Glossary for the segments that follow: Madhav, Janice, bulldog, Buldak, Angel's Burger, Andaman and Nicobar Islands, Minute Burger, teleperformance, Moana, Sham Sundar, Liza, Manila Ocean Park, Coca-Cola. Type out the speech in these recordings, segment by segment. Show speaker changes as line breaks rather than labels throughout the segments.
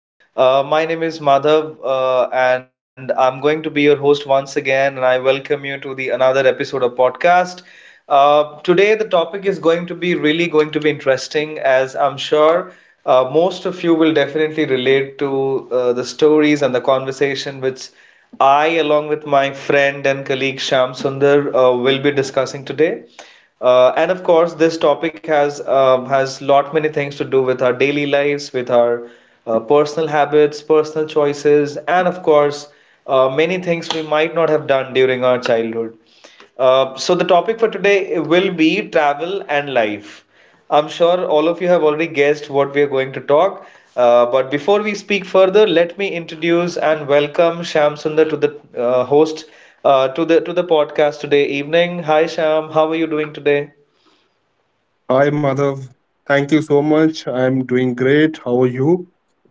Amazing. My name is Madhav, and I'm going to be your host once again. And I welcome you to the another episode of podcast. Today, the topic is going to be really going to be interesting, as I'm sure most of you will definitely relate to the stories and the conversation which I, along with my friend and colleague Sham Sundar, will be discussing today. And of course, this topic has lot many things to do with our daily lives, with our personal habits, personal choices, and of course, many things we might not have done during our childhood. So, the topic for today will be travel and life. I'm sure all of you have already guessed what we are going to talk. But before we speak further, let me introduce and welcome Sham Sundar to the host to the podcast today evening. Hi Sham, how are you doing today?
Hi, Madhav. Thank you so much. I'm doing great. How are you?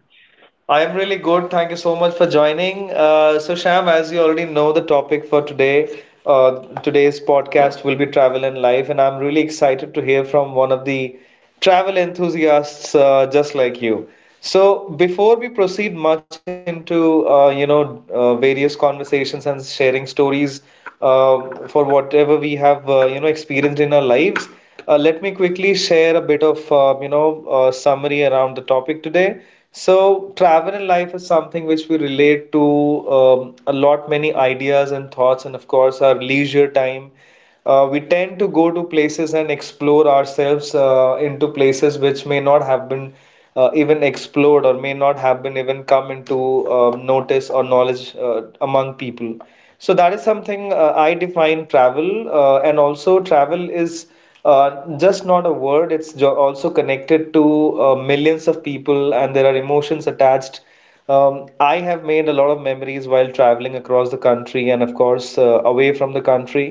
I am really good. Thank you so much for joining. So, Sham, as you already know, the topic for today, uh, today's podcast will be travel and life, and I'm really excited to hear from one of the travel enthusiasts just like you. So, before we proceed much into various conversations and sharing stories for whatever we have experienced in our lives. Let me quickly share a bit of summary around the topic today. So travel in life is something which we relate to a lot many ideas and thoughts and of course our leisure time. We tend to go to places and explore ourselves into places which may not have been even explored or may not have been even come into notice or knowledge among people. So that is something I define travel, and also travel is just not a word. It's jo also connected to millions of people, and there are emotions attached. I have made a lot of memories while traveling across the country and, of course, away from the country.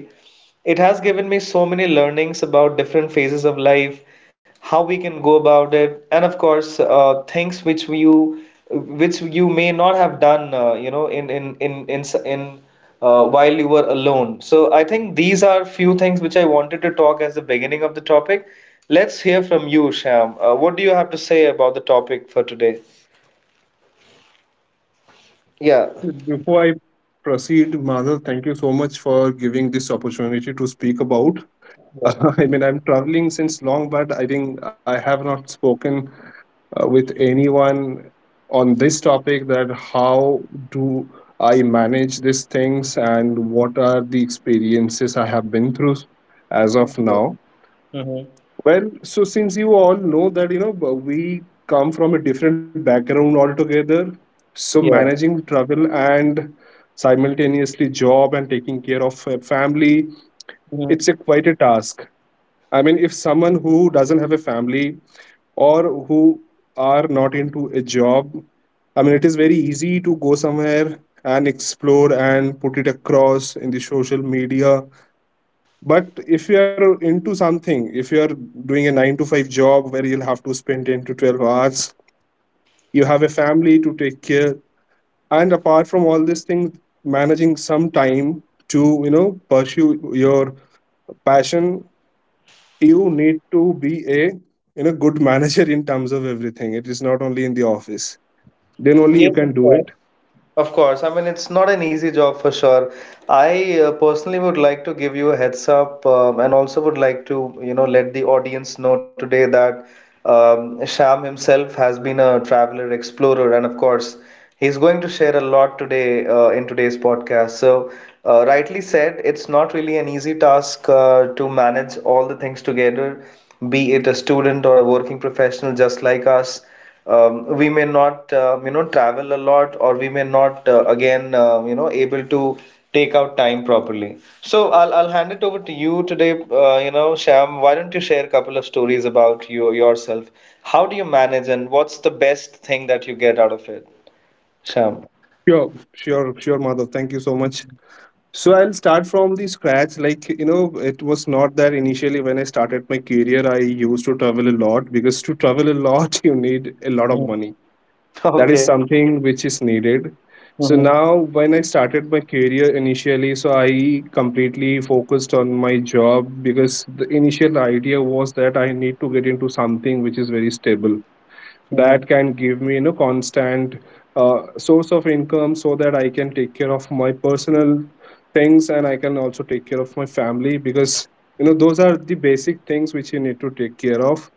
It has given me so many learnings about different phases of life, how we can go about it, and of course, things which you may not have done, in while you were alone. So I think these are few things which I wanted to talk as the beginning of the topic. Let's hear from you, Sham. What do you have to say about the topic for today? Yeah.
Well, before I proceed, Madhav, thank you so much for giving this opportunity to speak about.
Yeah.
I mean, I'm traveling since long, but I think I have not spoken with anyone on this topic, that how do I manage these things and what are the experiences I have been through as of
Mhm.
now.
Mhm.
Well, so since you all know that, you know, we come from a different background altogether, so
Yeah.
managing travel and simultaneously job and taking care of a family,
Mhm.
it's a quite a task. I mean, if someone who doesn't have a family, or who are not into a job, I mean, it is very easy to go somewhere and explore and put it across in the social media, but if you're into something, if you're doing a 9 to 5 job, where you'll have to spend 10 to 12 hours, you have a family to take care, and apart from all these things, managing some time to, you know, pursue your passion, you need to be a, you know, good manager in terms of everything. It is not only in the office then only you
Yes, of
can do
course.
it.
Of course, I mean it's not an easy job for sure. I personally would like to give you a heads up, and also would like to let the audience know today that Sham himself has been a traveler explorer and of course he's going to share a lot today in today's podcast. So, rightly said, it's not really an easy task to manage all the things together, be it a student or a working professional just like us, we may not travel a lot or we may not again able to take out time properly, so I'll hand it over to you today, Sham, why don't you share a couple of stories about you yourself, how do you manage and what's the best thing that you get out of it, Sham?
Sure, sure, sure, Madhav, thank you so much. So I'll start from the scratch. Like, you know, it was not that initially when I started my career, I used to travel a lot, because to travel a lot, you need a lot of
Mhm.
money. That is
Okay.
something which is needed. So
Mhm.
now, when I started my career initially, so I completely focused on my job, because the initial idea was that I need to get into something which is very stable, that
Mhm.
can give me, you know, constant source of income, so that I can take care of my personal things, and I can also take care of my family, because, you know, those are the basic things which you need to take care of.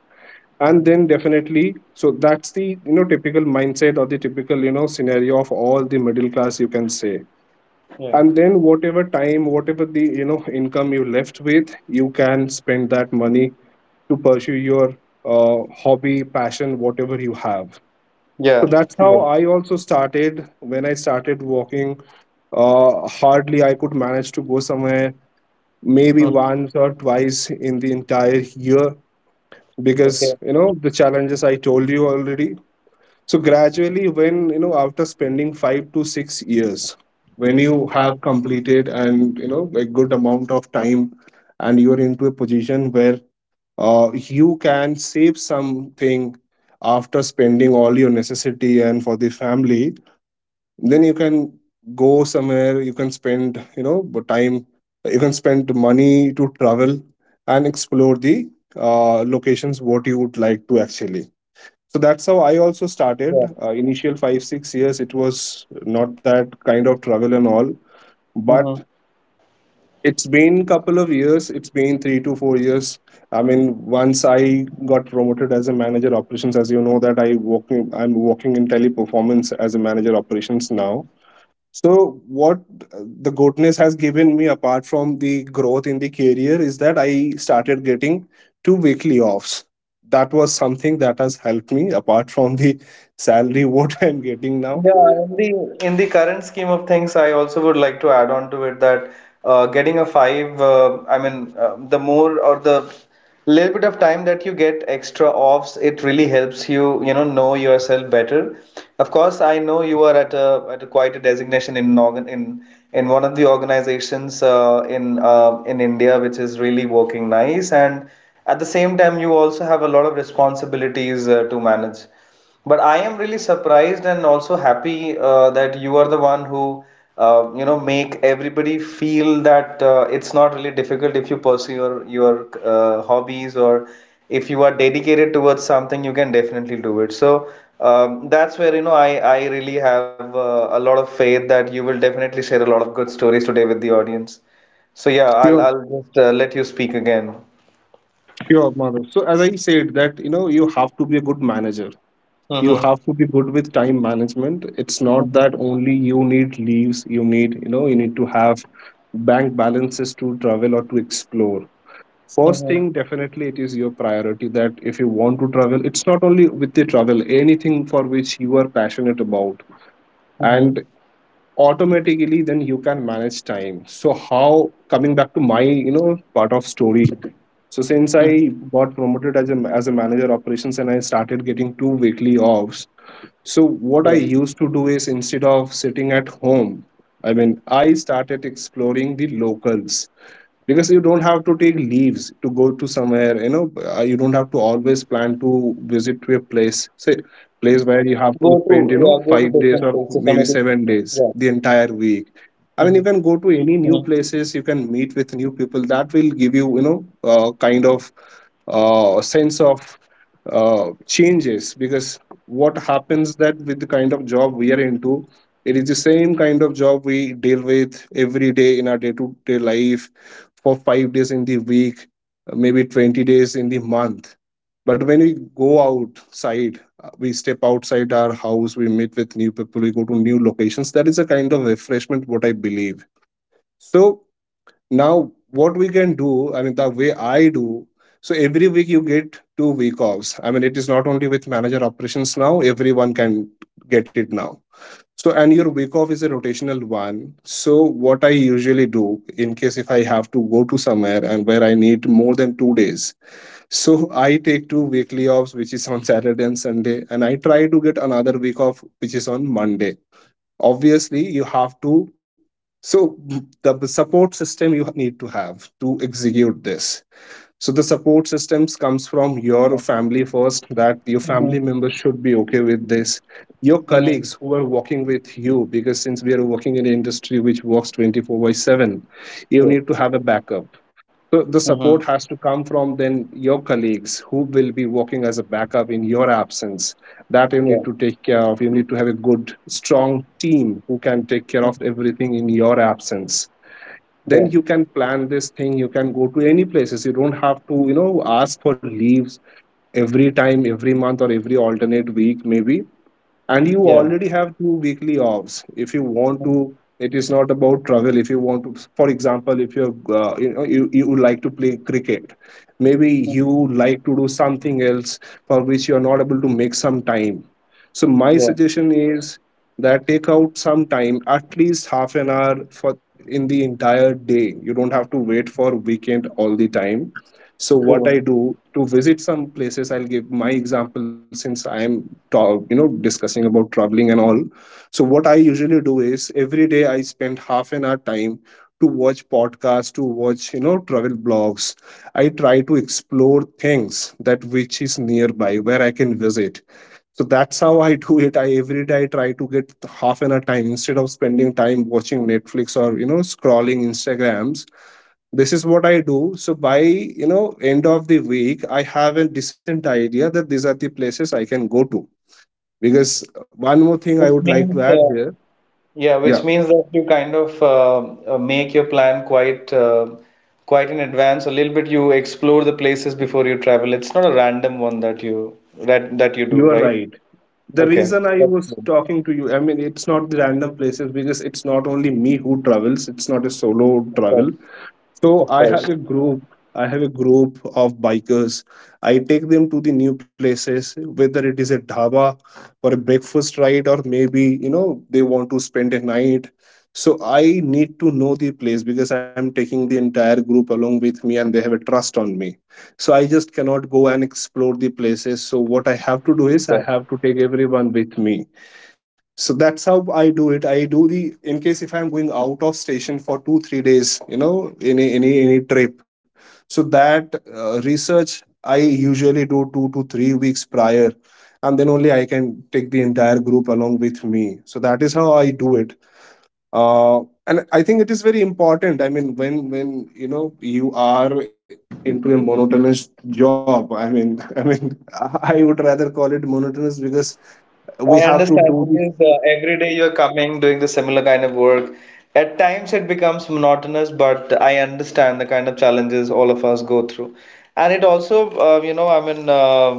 And
Mhm.
then definitely, so that's the, you know, typical mindset, or the typical, you know, scenario of all the middle class, you can say.
Yeah.
And then whatever time, whatever the, you know, income you left with, you can spend that money to pursue your hobby, passion, whatever you have. So
Yeah.
that's how
Yeah.
I also started. When I started walking, hardly I could manage to go somewhere, maybe
Mhm.
once or twice in the entire year, because,
Okay.
you know, the challenges I told you already. So gradually, when, you know, after spending 5 to 6 years, when you have completed and, you know, a good amount of time, and you are into a position where you can save something after spending all your necessity and for the family, then you can go somewhere, you can spend, you know, but time, you can spend money to travel and explore the locations what you would like to actually. So that's how I also started. Initial 5 6 years it was not that kind of travel and all,
Yeah,
but it's been couple of years, it's been 3 to 4 years. I mean, once I got promoted as a manager operations, as you know that I'm working in Teleperformance as a manager operations now. So, what, uh, the goatness has given me, apart from the growth in the career, is that I started getting two weekly offs. That was something that has helped me, apart from the salary what I'm getting now.
Yeah, in the current scheme of things, I also would like to add on to it that getting a five, I mean, the more or the little bit of time that you get extra offs, it really helps you know yourself better. Of course, I know you are at a quite a designation in one of the organizations in India, which is really working nice, and at the same time, you also have a lot of responsibilities to manage. But I am really surprised and also happy that you are the one who make everybody feel that it's not really difficult if you pursue your hobbies or if you are dedicated towards something you can definitely do it. So that's where I really have a lot of faith that you will definitely share a lot of good stories today with the audience. So yeah, I'll
Sure,
I'll just let you speak again.
sure, Madhav. So, as I said, that, you know, you have to be a good manager. You
Mm-hmm.
have to be good with time management. It's not that only you need leaves. You need to have bank balances to travel or to explore. First
Mm-hmm.
thing, definitely, it is your priority that if you want to travel, it's not only with the travel, anything for which you are passionate about,
Mm-hmm.
and automatically then you can manage time. So how, coming back to my, you know, part of story, so since I
Mm-hmm.
got promoted as a manager operations, and I started getting two weekly offs. So what I used to do is, instead of sitting at home, I mean, I started exploring the locals, because you don't have to take leaves to go to somewhere, you know. You don't have to always plan to visit to a place,
Go
say
to
place
Yeah,
where
go
you
to
have to
different
spend, you
places or
know,
maybe,
5 days or
yeah.
maybe 7 days the entire
Mm-hmm.
week. I mean, you
Mm-hmm.
can go to any new places, you can meet with new people. That will give you, you know kind of sense of uh, changes, because what happens that with the kind of job we are into, it is the same kind of job we deal with every day in our day to day life, for 5 days in the week, maybe 20 days in the month. But when we go outside, we step outside our house, we meet with new people, we go to new locations. That is a kind of refreshment, what I believe. So now, what we can do, I mean, the way I do, so every week you get two-week offs. I mean, it is not only with manager operations now, everyone can get it now. So, and your week off is a rotational one. So, what I usually do, in case if I have to go to somewhere and where I need more than 2 days, so I take two weekly offs, which is on Saturday and Sunday, and I try to get another week off, which is on Monday. Obviously, you have to. So, the support system you need to have to execute this, so the support systems comes from your
Yeah.
family first, that your
Mm-hmm.
family members should be okay with this, your
Mm-hmm.
colleagues who are working with you, because since we are working in an industry which works 24 by 7, you
Yeah.
need to have a backup. So the
Mm-hmm.
support has to come from then your colleagues who will be working as a backup in your absence, that you
Yeah.
need to take care of. You need to have a good, strong team who can take care
Mm-hmm.
of everything in your absence.
Yeah.
Then you can plan this thing, you can go to any places, you don't have to, you know, ask for leaves every time, every month or every alternate week maybe, and you
Yeah.
already have two weekly offs if you want
Mm-hmm.
to. It is not about travel. If you want to, for example, if you're, you would like to play cricket, maybe you like to do something else, for which you are not able to make some time, so my
Yeah.
suggestion is that take out some time, at least half an hour, for in the entire day, you don't have to wait for weekend all the time. So what
So
I do to visit some places, I'll give my example, since I'm discussing about traveling and all. So what I usually do is, every day I spend half an hour time to watch podcasts, to watch, travel blogs, I try to explore things that which is nearby where I can visit. So that's how I do it. I Every day I try to get half an hour time, instead of spending time watching Netflix, or, scrolling Instagrams. This is what I do. So by, end of the week, I have a decent idea that these are the places I can go to. Because one more thing I
which
would like to
means,
add here.
yeah,
Yeah,
which means that you kind of, make your plan quite in advance. A little bit you explore the places before you travel. It's not a random one that you
you
do,
are
right?
right. The
Okay.
reason I
That's
was
good.
talking to you, I mean, it's not the random places, because it's not only me who travels. It's not a
Of
solo
course.
travel.
Of
So
course.
I have a group. I have a group of bikers. I take them to the new places, whether it is a dhaba, or a breakfast ride, or maybe, they want to spend a night. So I need to know the place, because I'm taking the entire group along with me, and they have a trust on me. So I just cannot go
You
and
are the
explore
pilot
the
basically.
places. So what I have to do is I have to take everyone with me. So that's how I do it. I do the In case if I'm going out of station for 2 3 days, you know, any trip, so that research I usually do 2 to 3 weeks prior, and then only I can take the entire group along with me. So that is how I do it. uh, and I think it is very important, I mean, when you know you are into a monotonous job, I mean, I mean, I would rather call it monotonous because
I
we have
understand
to do
because
this.
every day you're coming doing the similar kind of work. At times it becomes monotonous, but I understand the kind of challenges all of us go through. And it also, I mean, um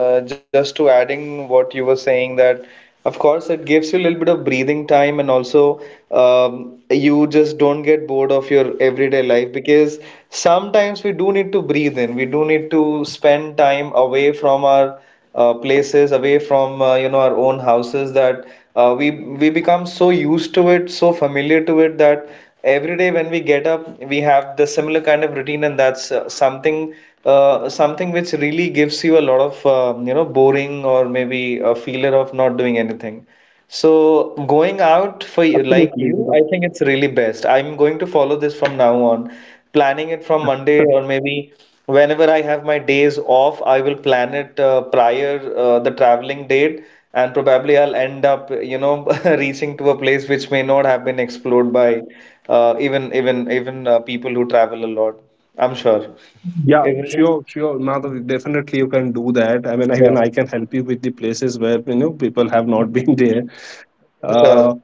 uh, just to adding what you were saying that, of course, it gives you a little bit of breathing time, and also you just don't get bored of your everyday life, because sometimes we do need to breathe in. We do need to spend time away from our places, away from our own houses that uh, we we become so used to it, so familiar to it that every day when we get up, we have the similar kind of routine, and that's something which really gives you a lot of boring or maybe a feeler of not doing anything. So going out for you, like
Absolutely,
you,
Gaurav.
I think it's really best. I'm going to follow this from now on. Planning it from Monday or maybe whenever I have my days off, I will plan it prior the traveling date, and probably I'll end up, reaching to a place which may not have been explored by even people who travel a lot. I'm sure.
Yeah,
Even
sure, sure, Madhav, definitely you can do that. I mean, even
Yeah,
I can help you with the places where, you know, people have not been there.
sure.
Uh,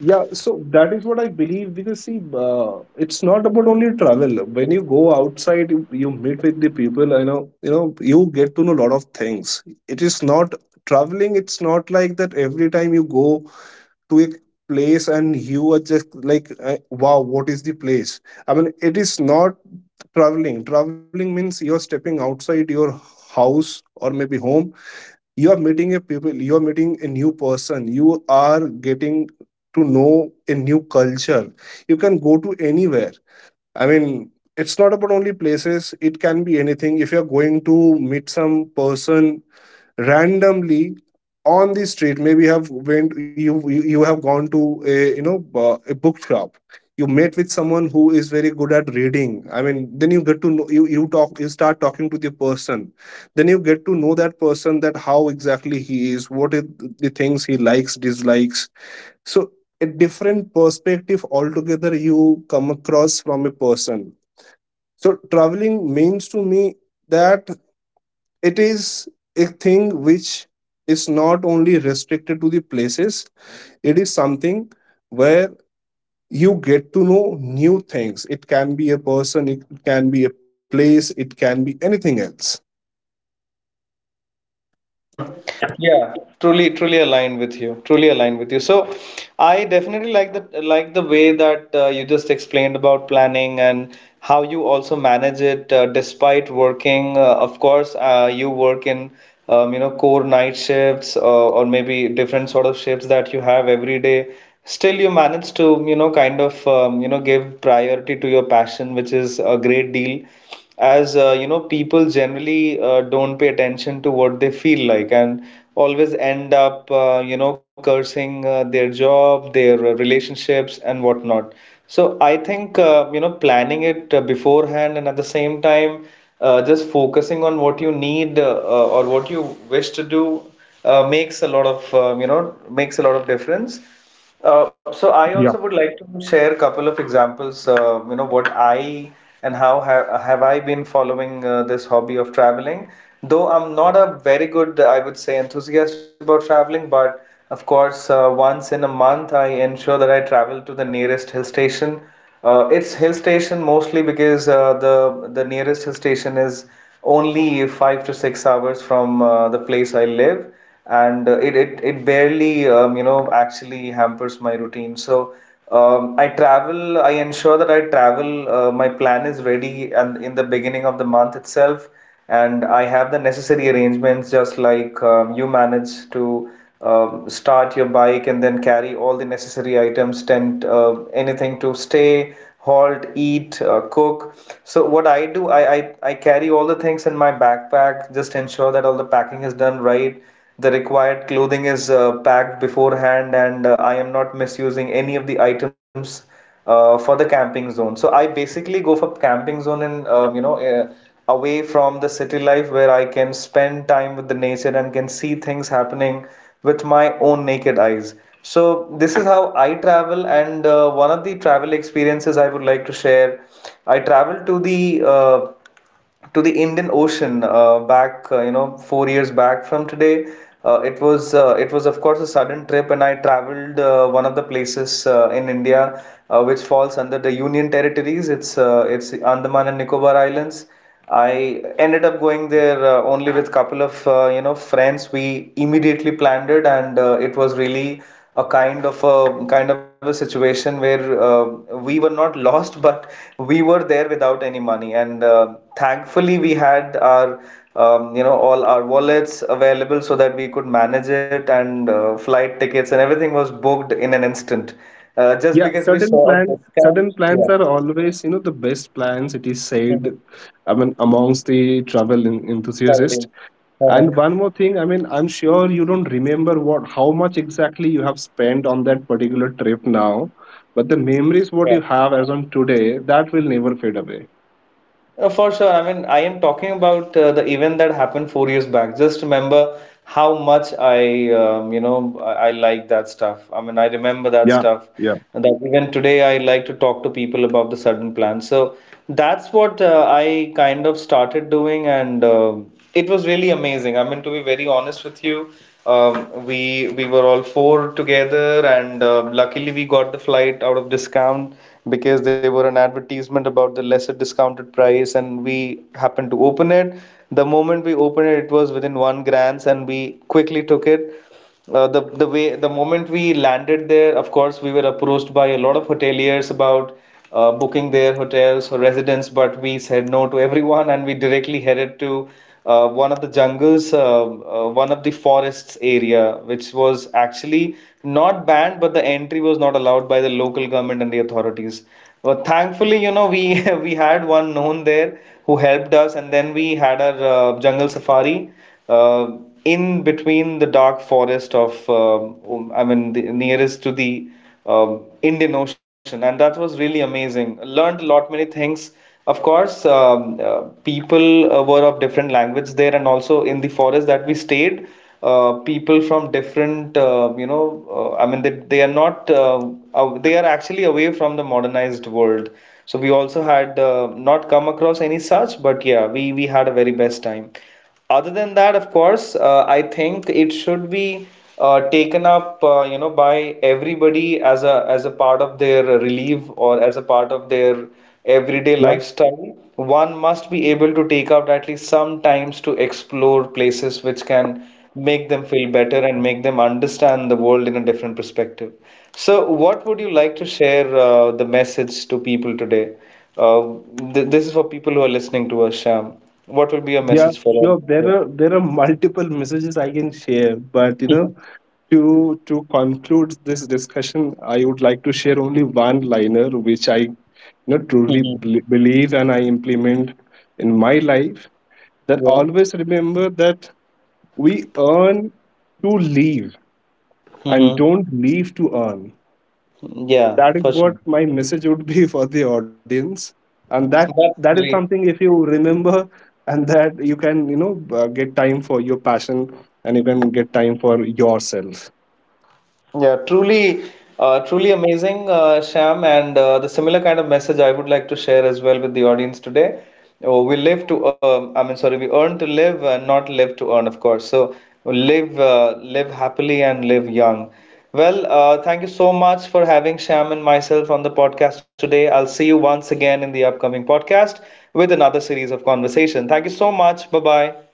yeah, so that is what I believe, because see, it's not about only travel. When you go outside, you meet with the people. You know, you get to know a lot of things. It is not traveling. It's not like that every time you go to a place and you were just like, wow, what is the place. I mean, it is not traveling. Traveling means you're stepping outside your house, or maybe home, you are meeting a people, you are meeting a new person, you are getting to know a new culture. You can go to anywhere, I mean. It's not about only places, it can be anything. If you're going to meet some person randomly on the street, maybe you have you have gone to a book shop, you met with someone who is very good at reading. I mean, then you get to know, you talk you start talking to the person. Then you get to know that person, that how exactly he is, what is the things he likes, dislikes. So a different perspective altogether you come across from a person. So traveling means to me that it is a thing which is not only restricted to the places. It is something where you get to know new things. It can be a person, it can be a place, it can be anything else.
Hmm. Yeah, truly, truly aligned with you. Truly aligned with you. So, I definitely like the way that you just explained about planning and how you also manage it despite working. Of course, you work in core night shifts or maybe different sort of shifts that you have every day. Still, you manage to kind of give priority to your passion, which is a great deal, as people generally don't pay attention to what they feel like and always end up cursing their job, their relationships and whatnot. So I think planning it beforehand and at the same time just focusing on what you need, or what you wish to do, makes a lot of difference. So I also would like to share a couple of examples, what I and how ha have I been following this hobby of traveling. Though I'm not a very good, I would say, enthusiast about traveling, but of course, once in a month, I ensure that I travel to the nearest hill station. It's hill station mostly because the nearest hill station is only 5 to 6 hours from the place I live, and it, it barely actually hampers my routine. So I travel. I ensure that I travel. My plan is ready and in the beginning of the month itself, and I have the necessary arrangements, just like you manage to start your bike and then carry all the necessary items, tent, anything to stay, halt, eat, cook. So what I do, I carry all the things in my backpack, just ensure that all the packing is done right. The required clothing is packed beforehand, and I am not misusing any of the items for the camping zone. So I basically go for camping zone and, away from the city life, where I can spend time with the nature and can see things happening with my own naked eyes. So this is how I travel, and one of the travel experiences I would like to share. I traveled to the Indian Ocean, back you know 4 years back from today. It was it was, of course, a sudden trip, and I traveled one of the places in India, which falls under the Union territories. It's Andaman and Nicobar Islands. I ended up going
Yeah.
there only with couple of friends. We immediately planned it, and it was really a kind of a situation where, we were not lost, but we were there without any money. And thankfully, we had our all our wallets available so that we could manage it, and flight tickets and everything was booked in an instant, just
Yeah,
because we
certain
saw a
plans,
discount. Yeah.
are always, you know, the best plans, it is said,
Mhm.
I mean, amongst the travel enthusiasts.
Traveling. Uh-huh.
And one more thing, I mean, I'm sure you don't remember what how much exactly you have spent on that particular trip now, but the
Yeah.
memories what you have as on today, that will never fade away.
For sure. I mean, I am talking about the event that happened 4 years back. Just remember how much I like that stuff. I mean, I remember that
Yeah,
stuff
yeah,
that even today I like to talk to people about the sudden plans. So that's what I kind of started doing, and it was really amazing. I mean, to be very honest with you, we were all four together, and luckily we got the flight out of discount because they were an advertisement about the lesser discounted price, and we happened to open it. The moment we opened it, it was within one grants, and we quickly took it. The way the moment we landed there, of course, we were approached by a lot of hoteliers about booking their hotels or residence, but we said no to everyone, and we directly headed to one of the jungles, one of the forests area, which was actually not banned, but the entry was not allowed by the local government and the authorities. But thankfully, you know, we we had one known there who helped us, and then we had our jungle safari. In between the dark forest of, I mean, the nearest to the Indian Ocean, and that was really amazing. Learned a lot, many things. Of course, people were of different language there, and also in the forest that we stayed, people from different, I mean, they are not, they are actually away from the modernized world. So we also had not come across any such, but yeah, we had a very best time. Other than that, of course, I think it should be taken up, by everybody as a part of their relief or as a part of their everyday
Yeah,
lifestyle. One must be able to take out at least some times to explore places which can make them feel better and make them understand the world in a different perspective. So, what would you like to share, the message to people today? Uh, th this is for people who are listening to us, Sham. What will be your
yeah,
message for
sure. There
them?
are multiple messages I can share, but,
Yeah.
to conclude this discussion, I would like to share only one liner which I, truly
Hmm.
believe and I implement in my life. That
Yeah.
always remember that we earn to leave and
Hmm.
don't leave to earn.
Yeah,
That is
for
what
sure.
my message would be for the audience. And that
That's
that is
really.
something, if you remember, and that you can, get time for your passion and you can get time for yourself.
Yeah, truly, truly amazing, Sham, and the similar kind of message I would like to share as well with the audience today. Oh, we live to, I mean, sorry, we earn to live and not live to earn, of course. So live, live happily and live young. Well, thank you so much for having Sham and myself on the podcast today. I'll see you once again in the upcoming podcast with another series of conversation. Thank you so much. Bye bye.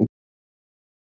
Thank you.